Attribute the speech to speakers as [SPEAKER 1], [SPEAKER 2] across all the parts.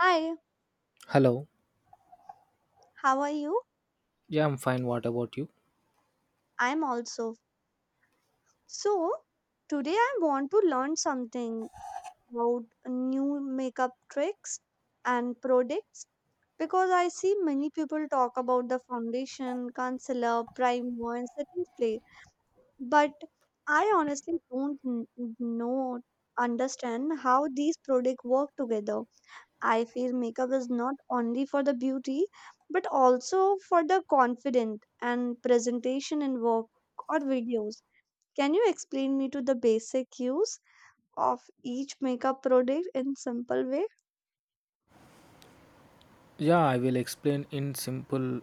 [SPEAKER 1] Hi,
[SPEAKER 2] Hello.
[SPEAKER 1] how are you?
[SPEAKER 2] Yeah, I'm fine. What about you?
[SPEAKER 1] I'm also. So, today I want to learn something about new makeup tricks and products because I see many people talk about the foundation, concealer, primer, and setting spray. But I honestly don't know, understand how these products work together. I feel makeup is not only for the beauty but also for the confident and presentation in work or videos. Can you explain me to the basic use of each makeup product in simple way?
[SPEAKER 2] Yeah, I will explain in simple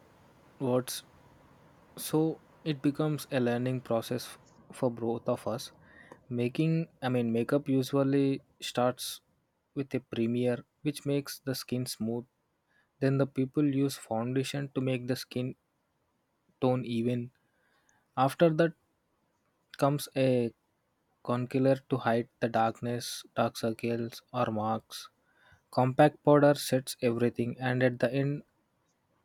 [SPEAKER 2] words. So it becomes a learning process for both of us. I mean, makeup usually starts with a premiere, which makes the skin smooth. Then the people use foundation to make the skin tone even. After that, comes a concealer to hide the darkness, dark circles, or marks. Compact powder sets everything, and at the end,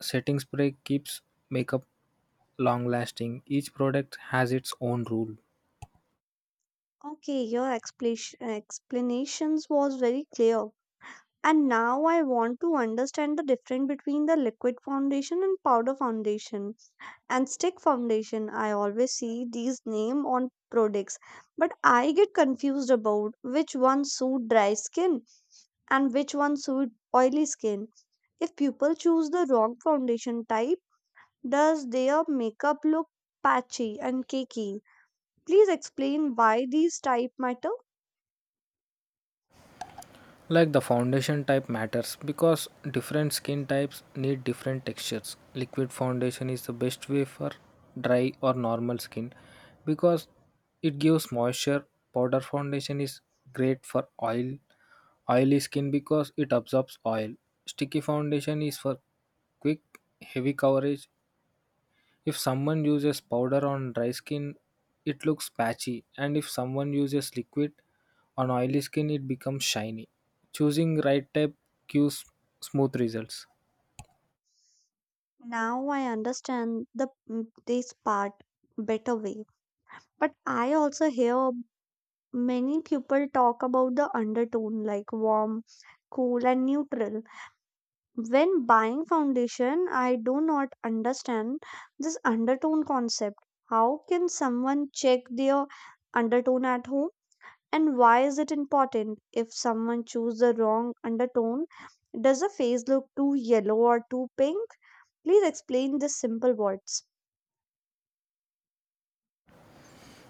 [SPEAKER 2] setting spray keeps makeup long lasting. Each product has its own rule.
[SPEAKER 1] Okay, your explanations was very clear. And now I want to understand the difference between the liquid foundation and powder foundation, and stick foundation. I always see these name on products, but I get confused about which one suit dry skin and which one suit oily skin. If people choose the wrong foundation type, does their makeup look patchy and cakey? Please explain why these type matter.
[SPEAKER 2] Like the foundation type matters because different skin types need different textures. Liquid foundation is the best way for dry or normal skin because it gives moisture. Powder foundation is great for oily skin because it absorbs oil. Sticky foundation is for quick heavy coverage if someone uses powder on dry skin, it looks patchy, and if someone uses liquid on oily skin, it becomes shiny. Choosing right type gives smooth results.
[SPEAKER 1] Now I understand the this part better way. But I also hear many people talk about the undertone like warm, cool, and neutral. When buying foundation, I do not understand this undertone concept. How can someone check their undertone at home? And why is it important? If someone chooses the wrong undertone, does the face look too yellow or too pink? Please explain this simple words.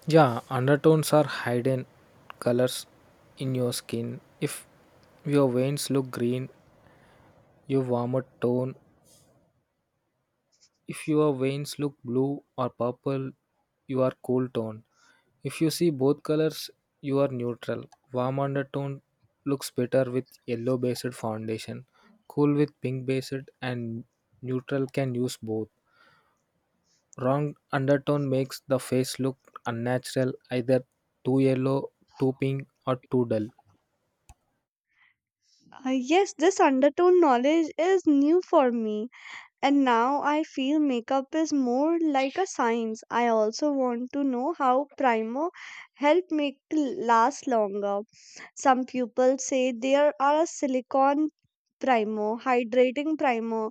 [SPEAKER 2] Yeah, undertones are hidden colors in your skin. If your veins look green, you warmer tone. If your veins look blue or purple, you are cool toned. If you see both colors, you are neutral. Warm undertone looks better with yellow based foundation, cool with pink based, and neutral can use both. Wrong undertone makes the face look unnatural, either too yellow, too pink, or too dull.
[SPEAKER 1] Yes, this undertone knowledge is new for me. And now I feel makeup is more like a science. I also want to know how primer help make last longer. Some people say there are a silicone primer, hydrating primer,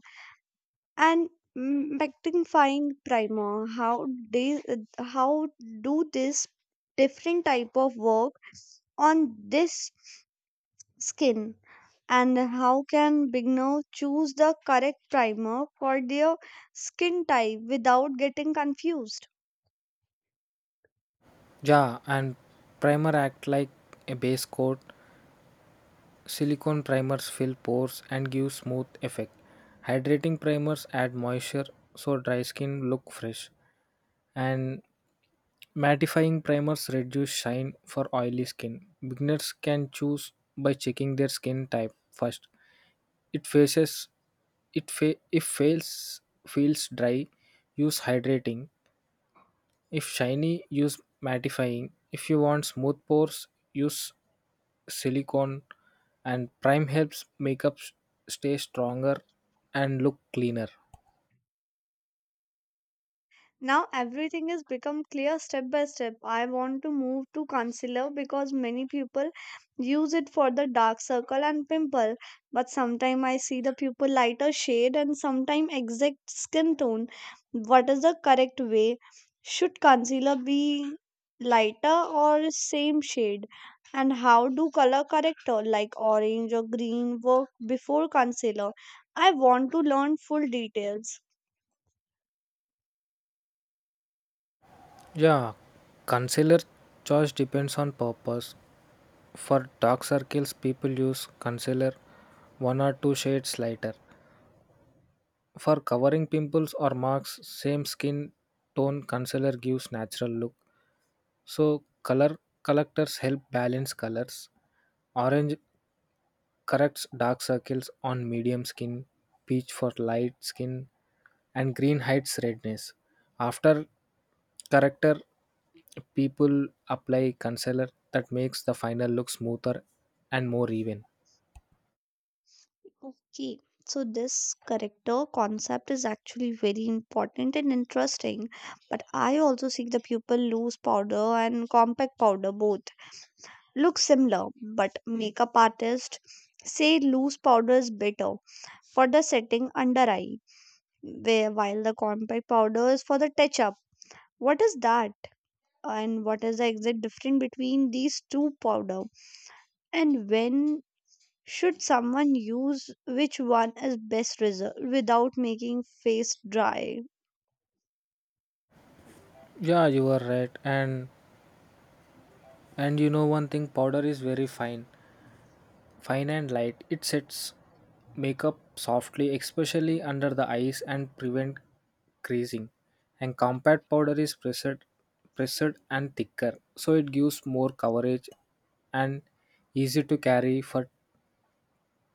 [SPEAKER 1] and mattifying primer. How do this different type of work on this skin? And how can beginners choose the correct primer for their skin type without getting confused?
[SPEAKER 2] Yeah, and primer act like a base coat. Silicone primers fill pores and give smooth effect. Hydrating primers add moisture so dry skin look fresh. And mattifying primers reduce shine for oily skin. Beginners can choose by checking their skin type first. It faces it fa- If fails feels dry, use hydrating. If shiny, use mattifying. If you want smooth pores, use silicone, and prime helps makeup stay stronger and look cleaner.
[SPEAKER 1] Now everything has become clear step by step. I want to move to concealer because many people use it for the dark circle and pimple. But sometimes I see the pupil lighter shade and sometimes exact skin tone. What is the correct way? Should concealer be lighter or same shade? And how do color corrector like orange or green work before concealer? I want to learn full details.
[SPEAKER 2] Yeah, concealer choice depends on purpose. For dark circles people use concealer one or two shades lighter. For covering pimples or marks, same skin tone concealer gives natural look. So color collectors help balance colors. Orange corrects dark circles on medium skin, peach for light skin, and green hides redness. After corrector, people apply concealer that makes the final look smoother and more even.
[SPEAKER 1] Okay, so this character concept is actually very important and interesting, but I also see the pupil loose powder and compact powder both look similar, but makeup artists say loose powder is better for the setting under eye, where while the compact powder is for the touch up. What is that, and what is the exact difference between these two powder? And when should someone use which one is best reserved without making face dry?
[SPEAKER 2] Yeah, you are right. And you know one thing, powder is very fine. Fine and light, it sets makeup softly, especially under the eyes, and prevent creasing. And compact powder is pressed and thicker, so it gives more coverage and easy to carry for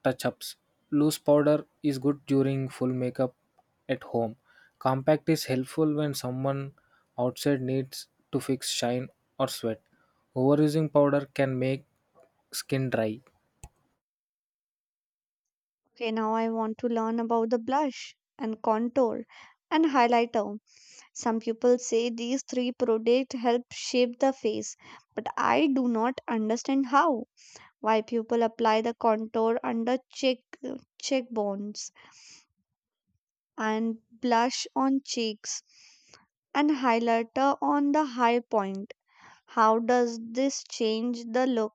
[SPEAKER 2] touch-ups. Loose powder is good during full makeup at home. Compact is helpful when someone outside needs to fix shine or sweat. Overusing powder can make skin dry.
[SPEAKER 1] Okay, now I want to learn about the blush and contour and highlighter. Some people say these three products help shape the face, but I do not understand how. Why people apply the contour under cheekbones and blush on cheeks and highlighter on the high point. How does this change the look?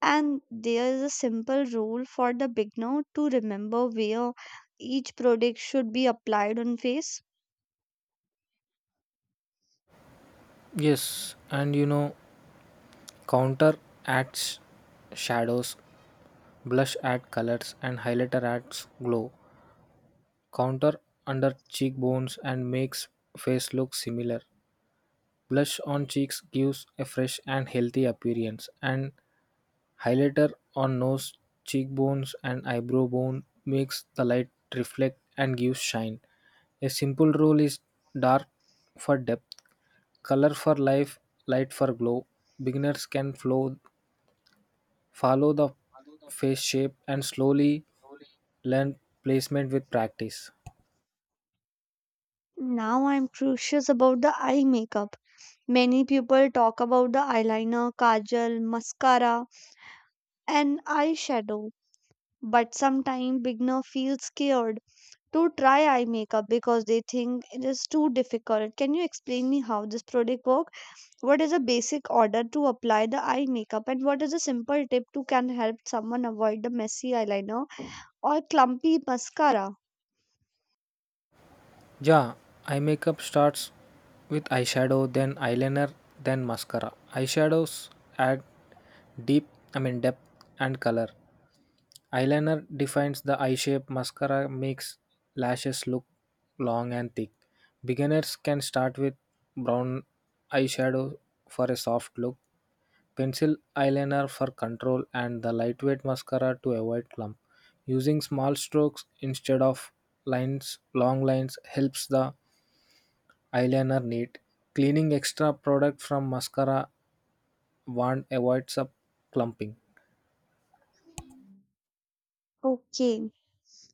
[SPEAKER 1] And there is a simple rule for the beginner to remember where each product should be applied on face.
[SPEAKER 2] Yes, and Counter acts shadows, blush add colors, and highlighter adds glow. Counter under cheekbones and makes face look similar. Blush on cheeks gives a fresh and healthy appearance, and highlighter on nose, cheekbones, and eyebrow bone makes the light reflect and gives shine. A simple rule is dark for depth, color for life, light for glow. Beginners can flow follow the face shape and slowly learn placement with practice.
[SPEAKER 1] Now I'm curious about the eye makeup. Many people talk about the eyeliner, kajal, mascara, and eyeshadow, but sometimes beginner feel scared to try eye makeup because they think it is too difficult. Can you explain me how this product work? What is a basic order to apply the eye makeup, and what is a simple tip to can help someone avoid the messy eyeliner or clumpy mascara?
[SPEAKER 2] Yeah, eye makeup starts with eyeshadow, then eyeliner, then mascara. Eyeshadows add deep, I mean depth and color. Eyeliner defines the eye shape, mascara makes lashes look long and thick. Beginners can start with brown eyeshadow for a soft look, pencil eyeliner for control, and the lightweight mascara to avoid clump. Using small strokes instead of lines, long lines helps the eyeliner neat. Cleaning extra product from mascara wand avoids up clumping.
[SPEAKER 1] Okay,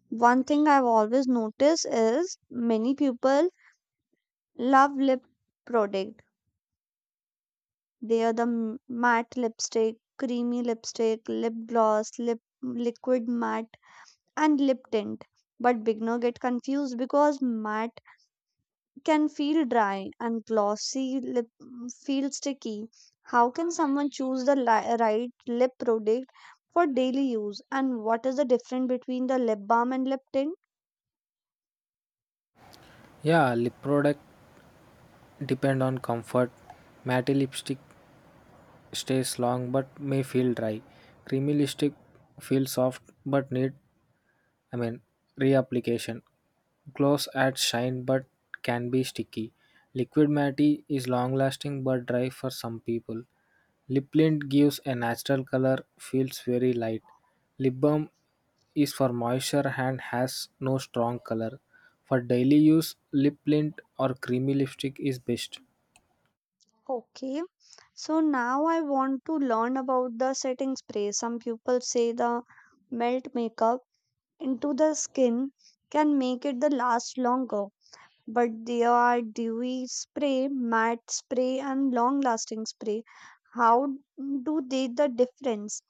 [SPEAKER 1] one thing I've always noticed is many people love lip product. They are the matte lipstick, creamy lipstick, lip gloss, lip liquid matte, and lip tint. But beginner get confused because matte can feel dry and glossy lip feel sticky. How can someone choose the right lip product for daily use, and what is the difference between the lip balm and lip tint?
[SPEAKER 2] Yeah, lip product depend on comfort. Matte lipstick stays long but may feel dry. Creamy lipstick feels soft but need, I mean, reapplication. Gloss adds shine but can be sticky. Liquid matte is long lasting but dry for some people. Lip tint gives a natural color, feels very light. Lip balm is for moisture and has no strong color. For daily use, lip tint or creamy lipstick is best.
[SPEAKER 1] Okay, so now I want to learn about the setting spray. Some people say the melt makeup into the skin can make it the last longer. But there are dewy spray, matte spray, and long lasting spray. How do they the difference?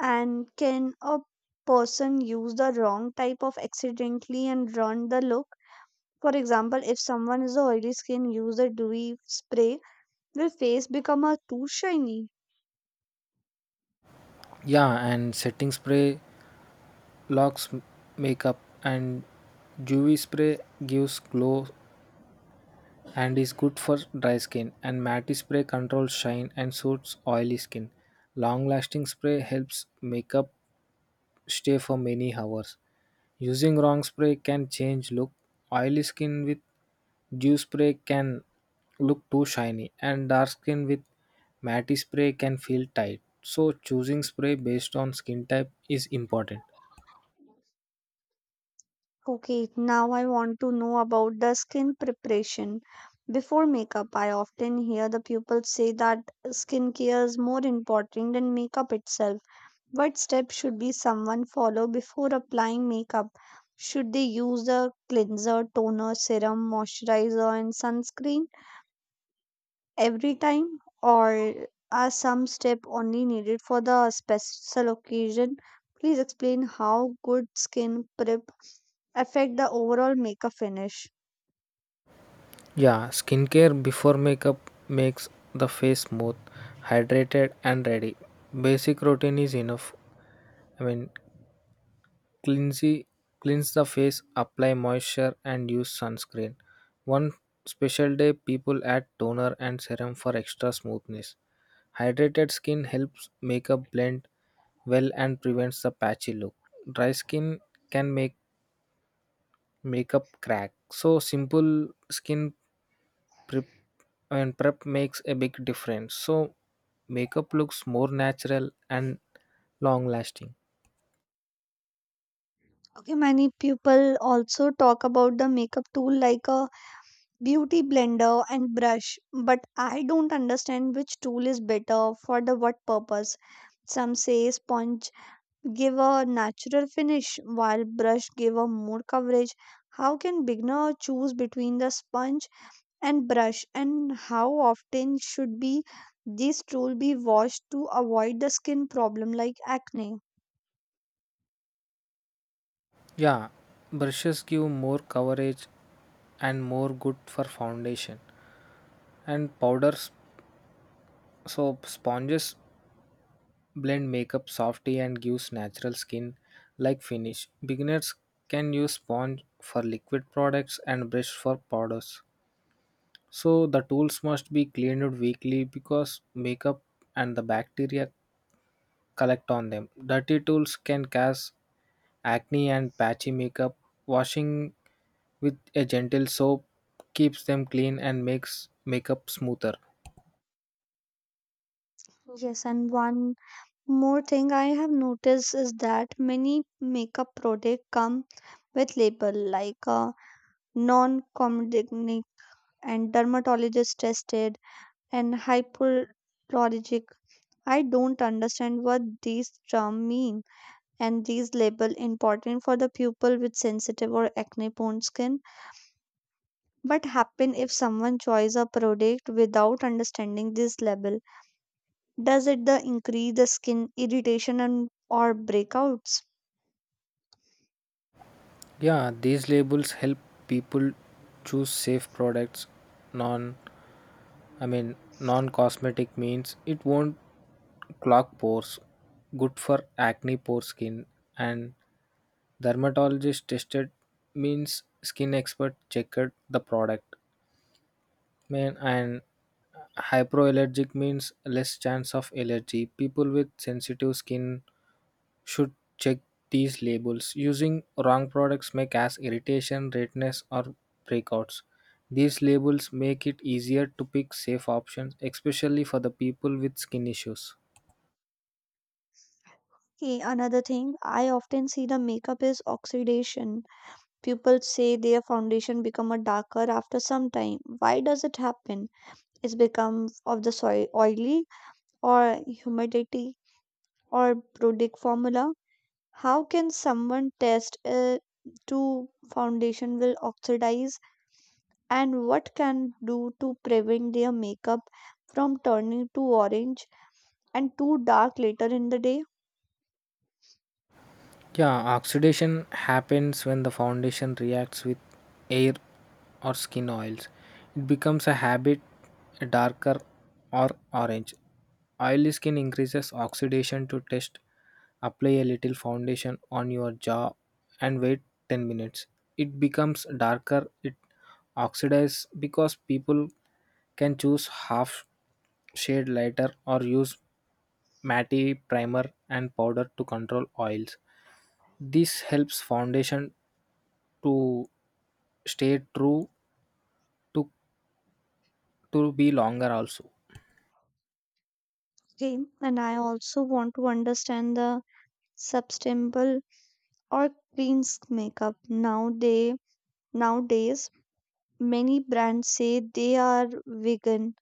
[SPEAKER 1] And can a person use the wrong type of accidentally and ruin the look? For example, if someone is oily skin, use the dewy spray, will face become a too shiny.
[SPEAKER 2] Yeah, and setting spray locks makeup, and UV spray gives glow and is good for dry skin, and matte spray controls shine and suits oily skin. Long lasting spray helps makeup stay for many hours. Using wrong spray can change look. Oily skin with dew spray can look too shiny, and dark skin with matte spray can feel tight, so choosing spray based on skin type is important.
[SPEAKER 1] Okay, now I want to know about the skin preparation. Before makeup, I often hear the people say that skincare is more important than makeup itself. What steps should be someone follow before applying makeup? Should they use a cleanser, toner, serum, moisturizer, and sunscreen every time, or are some steps only needed for the special occasion? Please explain how good skin prep affect the overall makeup finish.
[SPEAKER 2] Yeah, skincare before makeup makes the face smooth, hydrated, and ready. Basic routine is enough. I mean, cleansy, cleanse the face, apply moisture, and use sunscreen. One special day, people add toner and serum for extra smoothness. Hydrated skin helps makeup blend well and prevents the patchy look. Dry skin can make makeup crack. So, simple skin prep prep makes a big difference. So makeup looks more natural and long lasting.
[SPEAKER 1] Okay, many people also talk about the makeup tool like a beauty blender and brush, but I don't understand which tool is better for the what purpose. Some say sponge give a natural finish while brush give a more coverage. How can beginner choose between the sponge and brush, and how often should be this tool be washed to avoid the skin problem like acne?
[SPEAKER 2] Yeah, brushes give more coverage and more good for foundation. And powders, soap, sponges blend makeup softly and gives natural skin like finish. Beginners can use sponge for liquid products and brush for powders. So the tools must be cleaned weekly because makeup and the bacteria collect on them. Dirty tools can cause acne and patchy makeup. Washing with a gentle soap keeps them clean and makes makeup smoother.
[SPEAKER 1] Yes, and one more thing I have noticed is that many makeup product come with label like non-comedogenic and dermatologist tested and hypoallergenic. I don't understand what these terms mean and these label important for the people with sensitive or acne prone skin. But happen if someone choice a product without understanding this label, does it the increase the skin irritation and or breakouts?
[SPEAKER 2] Yeah, these labels help people choose safe products. Non, I mean, non-cosmetic means it won't clog pores. Good for acne pore skin, and dermatologist tested means skin expert checked the product. Man, and hypoallergenic means less chance of allergy. People with sensitive skin should check these labels. Using wrong products may cause irritation, redness, or breakouts. These labels make it easier to pick safe options, especially for the people with skin issues.
[SPEAKER 1] Okay, another thing I often see the makeup is oxidation. People say their foundation become a darker after some time. Why does it happen? It's become of the soil oily or humidity or product formula. How can someone test to foundation will oxidize, and what can do to prevent their makeup from turning too orange and too dark later in the day?
[SPEAKER 2] Yeah, oxidation happens when the foundation reacts with air or skin oils. It becomes a habit darker or orange. Oily skin increases oxidation. To test, apply a little foundation on your jaw and wait 10 minutes. It becomes darker, it oxidizes. Because people can choose half shade lighter, or use matte primer and powder to control oils. This helps foundation to stay true to to be longer also.
[SPEAKER 1] Okay, and I also want to understand the sustainable or clean makeup. Nowadays, many brands say they are vegan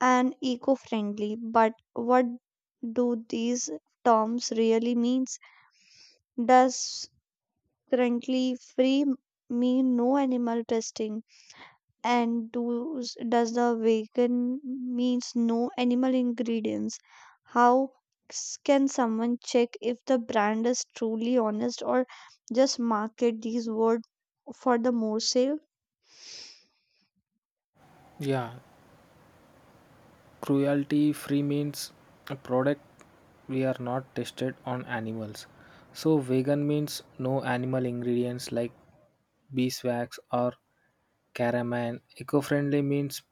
[SPEAKER 1] and eco-friendly, but what do these terms really means? Does currently free mean no animal testing? And does the vegan means no animal ingredients? How can someone check if the brand is truly honest or just market these words for the more sale?
[SPEAKER 2] Yeah, cruelty free means a product we are not tested on animals. So vegan means no animal ingredients like beeswax or caraman. Eco-friendly means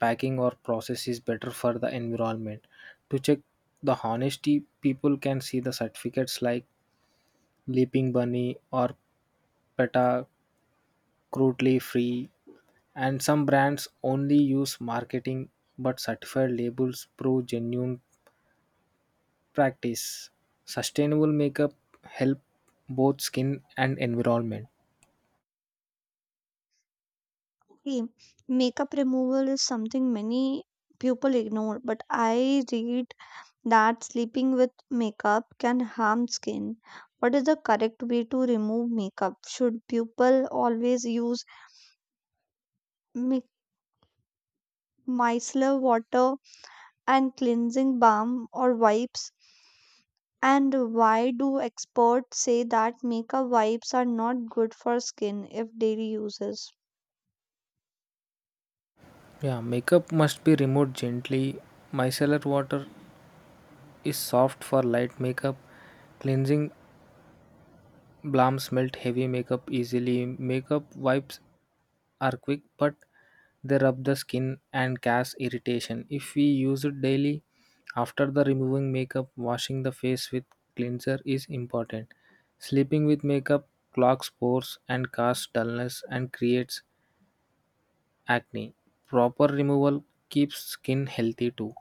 [SPEAKER 2] packing or process is better for the environment. To check the honesty, people can see the certificates like Leaping Bunny or PETA crudely free, and some brands only use marketing, but certified labels prove genuine practice. Sustainable makeup help both skin and environment.
[SPEAKER 1] Okay, makeup removal is something many people ignore, but I read that sleeping with makeup can harm skin. What is the correct way to remove makeup? Should people always use mi- micellar water and cleansing balm or wipes? And why do experts say that makeup wipes are not good for skin if daily uses?
[SPEAKER 2] Yeah, makeup must be removed gently. Micellar water is soft for light makeup. Cleansing balms melt heavy makeup easily. Makeup wipes are quick, but they rub the skin and cause irritation if we use it daily. After the removing makeup, washing the face with cleanser is important. Sleeping with makeup clogs pores and causes dullness and creates acne. Proper removal keeps skin healthy too.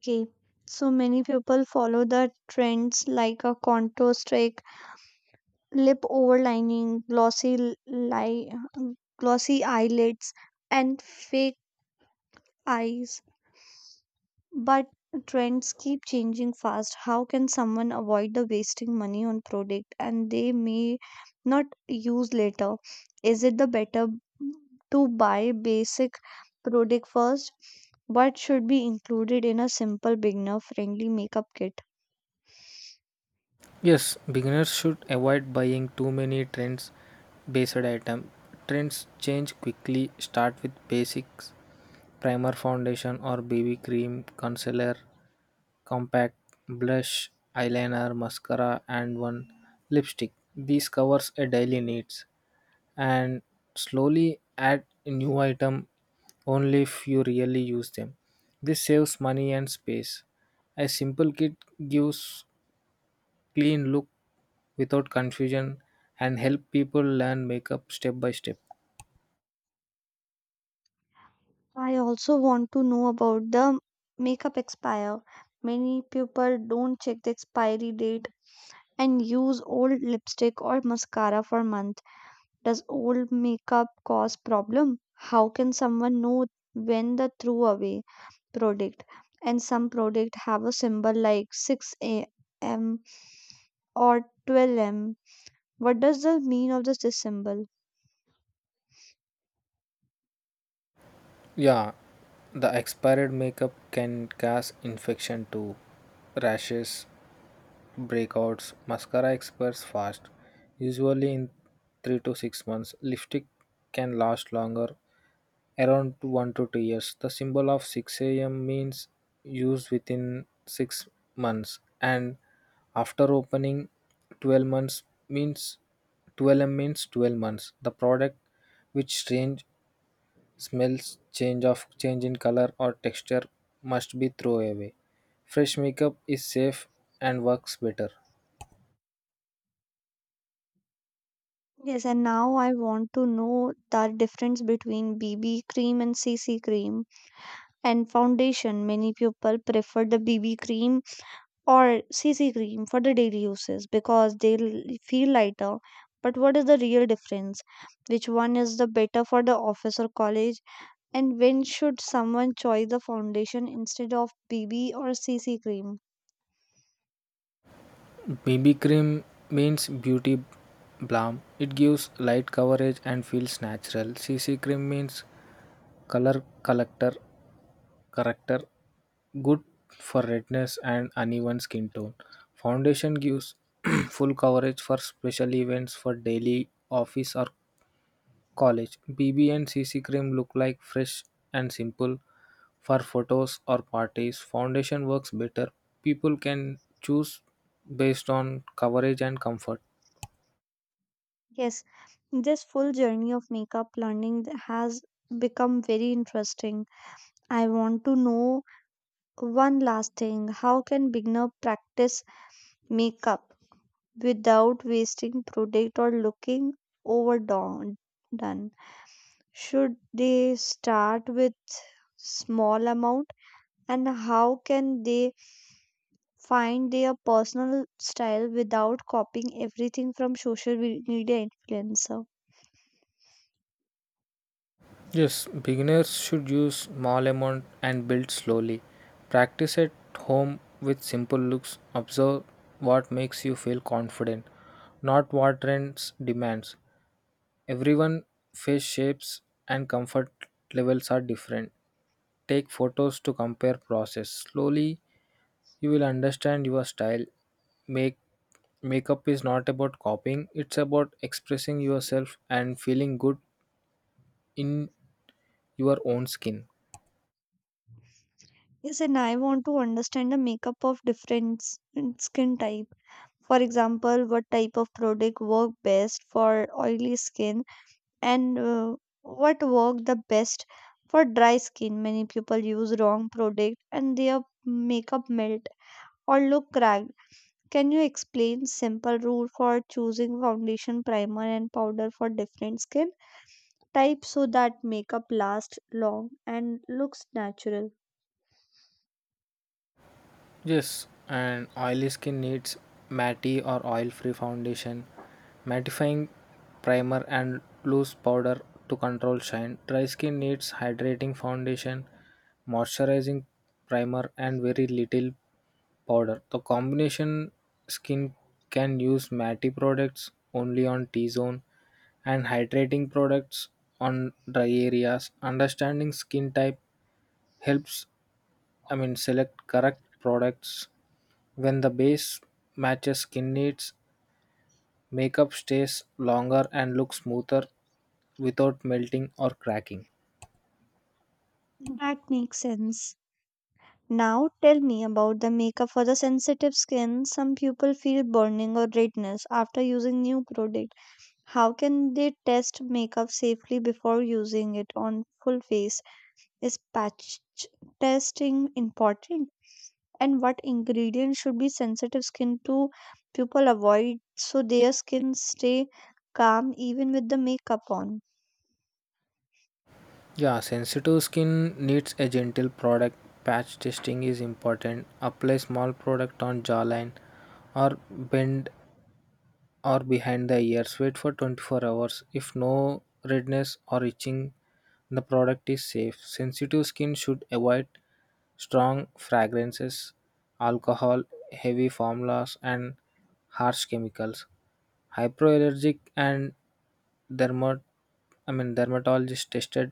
[SPEAKER 1] Okay, so many people follow the trends like a contour streak, lip overlining, li- glossy eyelids, and fake eyes. But trends keep changing fast. How can someone avoid the wasting money on product and they may not use later? Is it the better to buy basic product first? What should be included in a simple beginner friendly makeup kit?
[SPEAKER 2] Yes, beginners should avoid buying too many trends based item. Trends change quickly. Start with basics: primer, foundation or BB cream, concealer, compact, blush, eyeliner, mascara, and one lipstick. These covers a daily needs, and slowly add new item only if you really use them. This saves money and space. A simple kit gives clean look without confusion and help people learn makeup step by step.
[SPEAKER 1] I also want to know about the makeup expire. Many people don't check the expiry date and use old lipstick or mascara for month. Does old makeup cause problem? How can someone know when the threw away product? And some product have a symbol like 6 a.m. or 12 m. What does the mean of this symbol?
[SPEAKER 2] Yeah, the expired makeup can cause infection too. Rashes, breakouts. Mascara expires fast, usually in 3 to 6 months. Lipstick can last longer, around 1 to 2 years. The symbol of 6 am means used within 6 months, and after opening 12 months, means 12m means 12 months. The product which strange smells, change in color or texture, must be thrown away. Fresh makeup is safe and works better.
[SPEAKER 1] Yes, and now I want to know the difference between BB cream and CC cream and foundation. Many people prefer the BB cream or CC cream for the daily uses because they feel lighter. But what is the real difference? Which one is the better for the office or college? And when should someone choose the foundation instead of BB or CC cream?
[SPEAKER 2] BB cream means beauty balm. It gives light coverage and feels natural. CC cream means color collector corrector, good for redness and uneven skin tone. Foundation gives full coverage for special events. For daily office or college, BB and CC cream look like fresh and simple. For photos or parties, foundation works better. People can choose based on coverage and comfort.
[SPEAKER 1] Yes, this full journey of makeup learning has become very interesting. I want to know one last thing. How can beginner practice makeup without wasting product or looking overdone? Done? Should they start with small amount, and how can they find their personal style without copying everything from social media influencer?
[SPEAKER 2] Yes, beginners should use small amount and build slowly. Practice at home with simple looks. Observe what makes you feel confident, not what trends demands. Everyone face shapes and comfort levels are different. Take photos to compare process. Slowly you will understand your style, make Makeup is not about copying, it's about expressing yourself and feeling good in your own skin.
[SPEAKER 1] Yes, and I want to understand the makeup of different skin type. For example, what type of product work best for oily skin and what work the best for dry skin. Many people use wrong product and their makeup melt or look cracked. Can you explain simple rule for choosing foundation, primer and powder for different skin types so that makeup lasts long and looks natural?
[SPEAKER 2] Yes, and oily skin needs matty or oil-free foundation, mattifying primer, and loose powder to control shine. Dry skin needs hydrating foundation, moisturizing primer, and very little powder. The combination skin can use matty products only on T-zone and hydrating products on dry areas. Understanding skin type helps, I mean, select correct products when the base matches skin needs. Makeup stays longer and looks smoother without melting or cracking.
[SPEAKER 1] That makes sense. Now tell me about the makeup for the sensitive skin. Some people feel burning or redness after using new product. How can they test makeup safely before using it on full face? Is patch testing important? And what ingredients should be sensitive skin to people avoid so their skin stay calm even with the makeup on?
[SPEAKER 2] Yeah, sensitive skin needs a gentle product. Patch testing is important. Apply small product on jawline or bend or behind the ears. Wait for 24 hours. If no redness or itching, the product is safe. Sensitive skin should avoid strong fragrances, alcohol, heavy formulas, and harsh chemicals. Hypoallergenic and dermat- I mean, dermatologist tested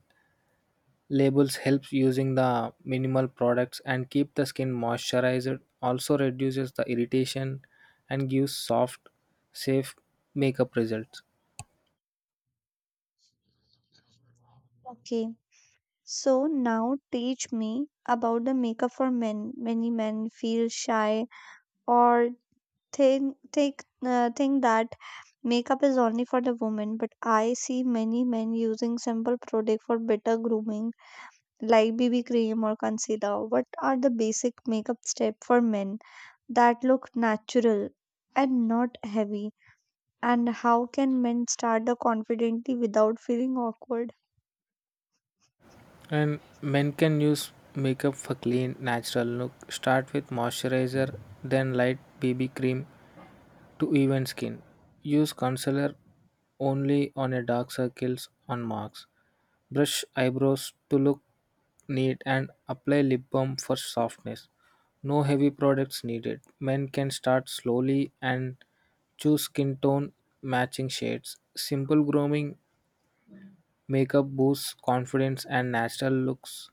[SPEAKER 2] labels helps using the minimal products and keep the skin moisturized, also reduces the irritation and gives soft, safe makeup results.
[SPEAKER 1] Okay, so now teach me about the makeup for men. Many men feel shy or think that makeup is only for the women, but I see many men using simple product for better grooming like BB cream or concealer. What are the basic makeup step for men that look natural and not heavy, and how can men start the confidently without feeling awkward?
[SPEAKER 2] And men can use makeup for clean, natural look. Start with moisturizer, then light BB cream to even skin. Use concealer only on a dark circles on marks. Brush eyebrows to look neat and apply lip balm for softness. No heavy products needed. Men can start slowly and choose skin tone matching shades. Simple grooming makeup boosts confidence and natural looks,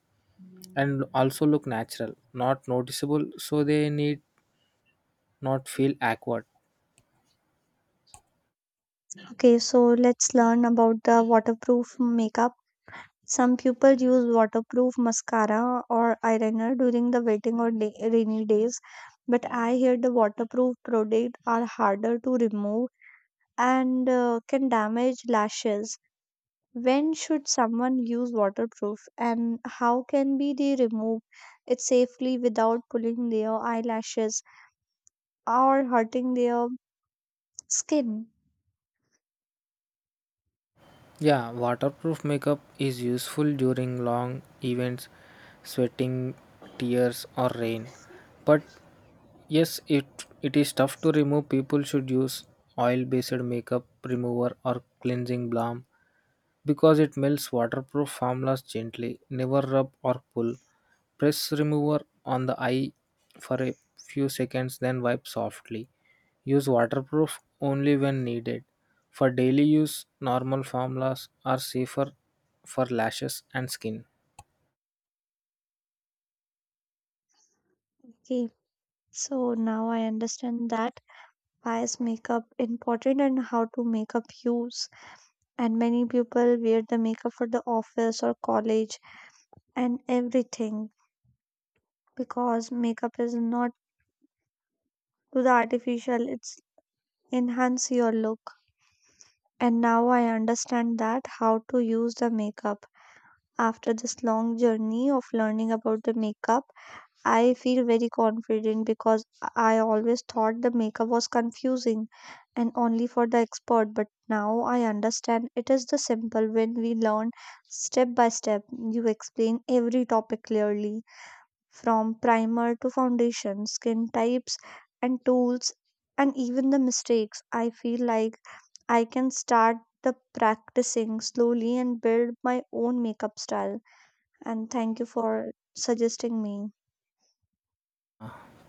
[SPEAKER 2] and also look natural, not noticeable, so they need not feel awkward.
[SPEAKER 1] Okay, so let's learn about the waterproof makeup. Some people use waterproof mascara or eyeliner during the waiting or day, rainy days, but I hear the waterproof products are harder to remove and can damage lashes. When should someone use waterproof, and how can be they remove it safely without pulling their eyelashes or hurting their skin?
[SPEAKER 2] Yeah, waterproof makeup is useful during long events, sweating, tears, or rain. But yes, it is tough to remove. People should use oil-based makeup remover or cleansing balm, because it melts waterproof formulas gently. Never rub or pull. Press remover on the eye for a few seconds, then wipe softly. Use waterproof only when needed. For daily use, normal formulas are safer for lashes and skin.
[SPEAKER 1] Okay, so now I understand that why is makeup important and how to makeup use. And many people wear the makeup for the office or college and everything because makeup is not to the artificial, it's enhance your look. And now I understand that how to use the makeup. After this long journey of learning about the makeup, I feel very confident because I always thought the makeup was confusing and only for the expert, but now I understand it is the simple when we learn step by step. You explain every topic clearly from primer to foundation, skin types and tools and even the mistakes. I feel like I can start the practicing slowly and build my own makeup style and thank you for suggesting me.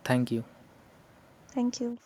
[SPEAKER 2] Thank you.
[SPEAKER 1] Thank you.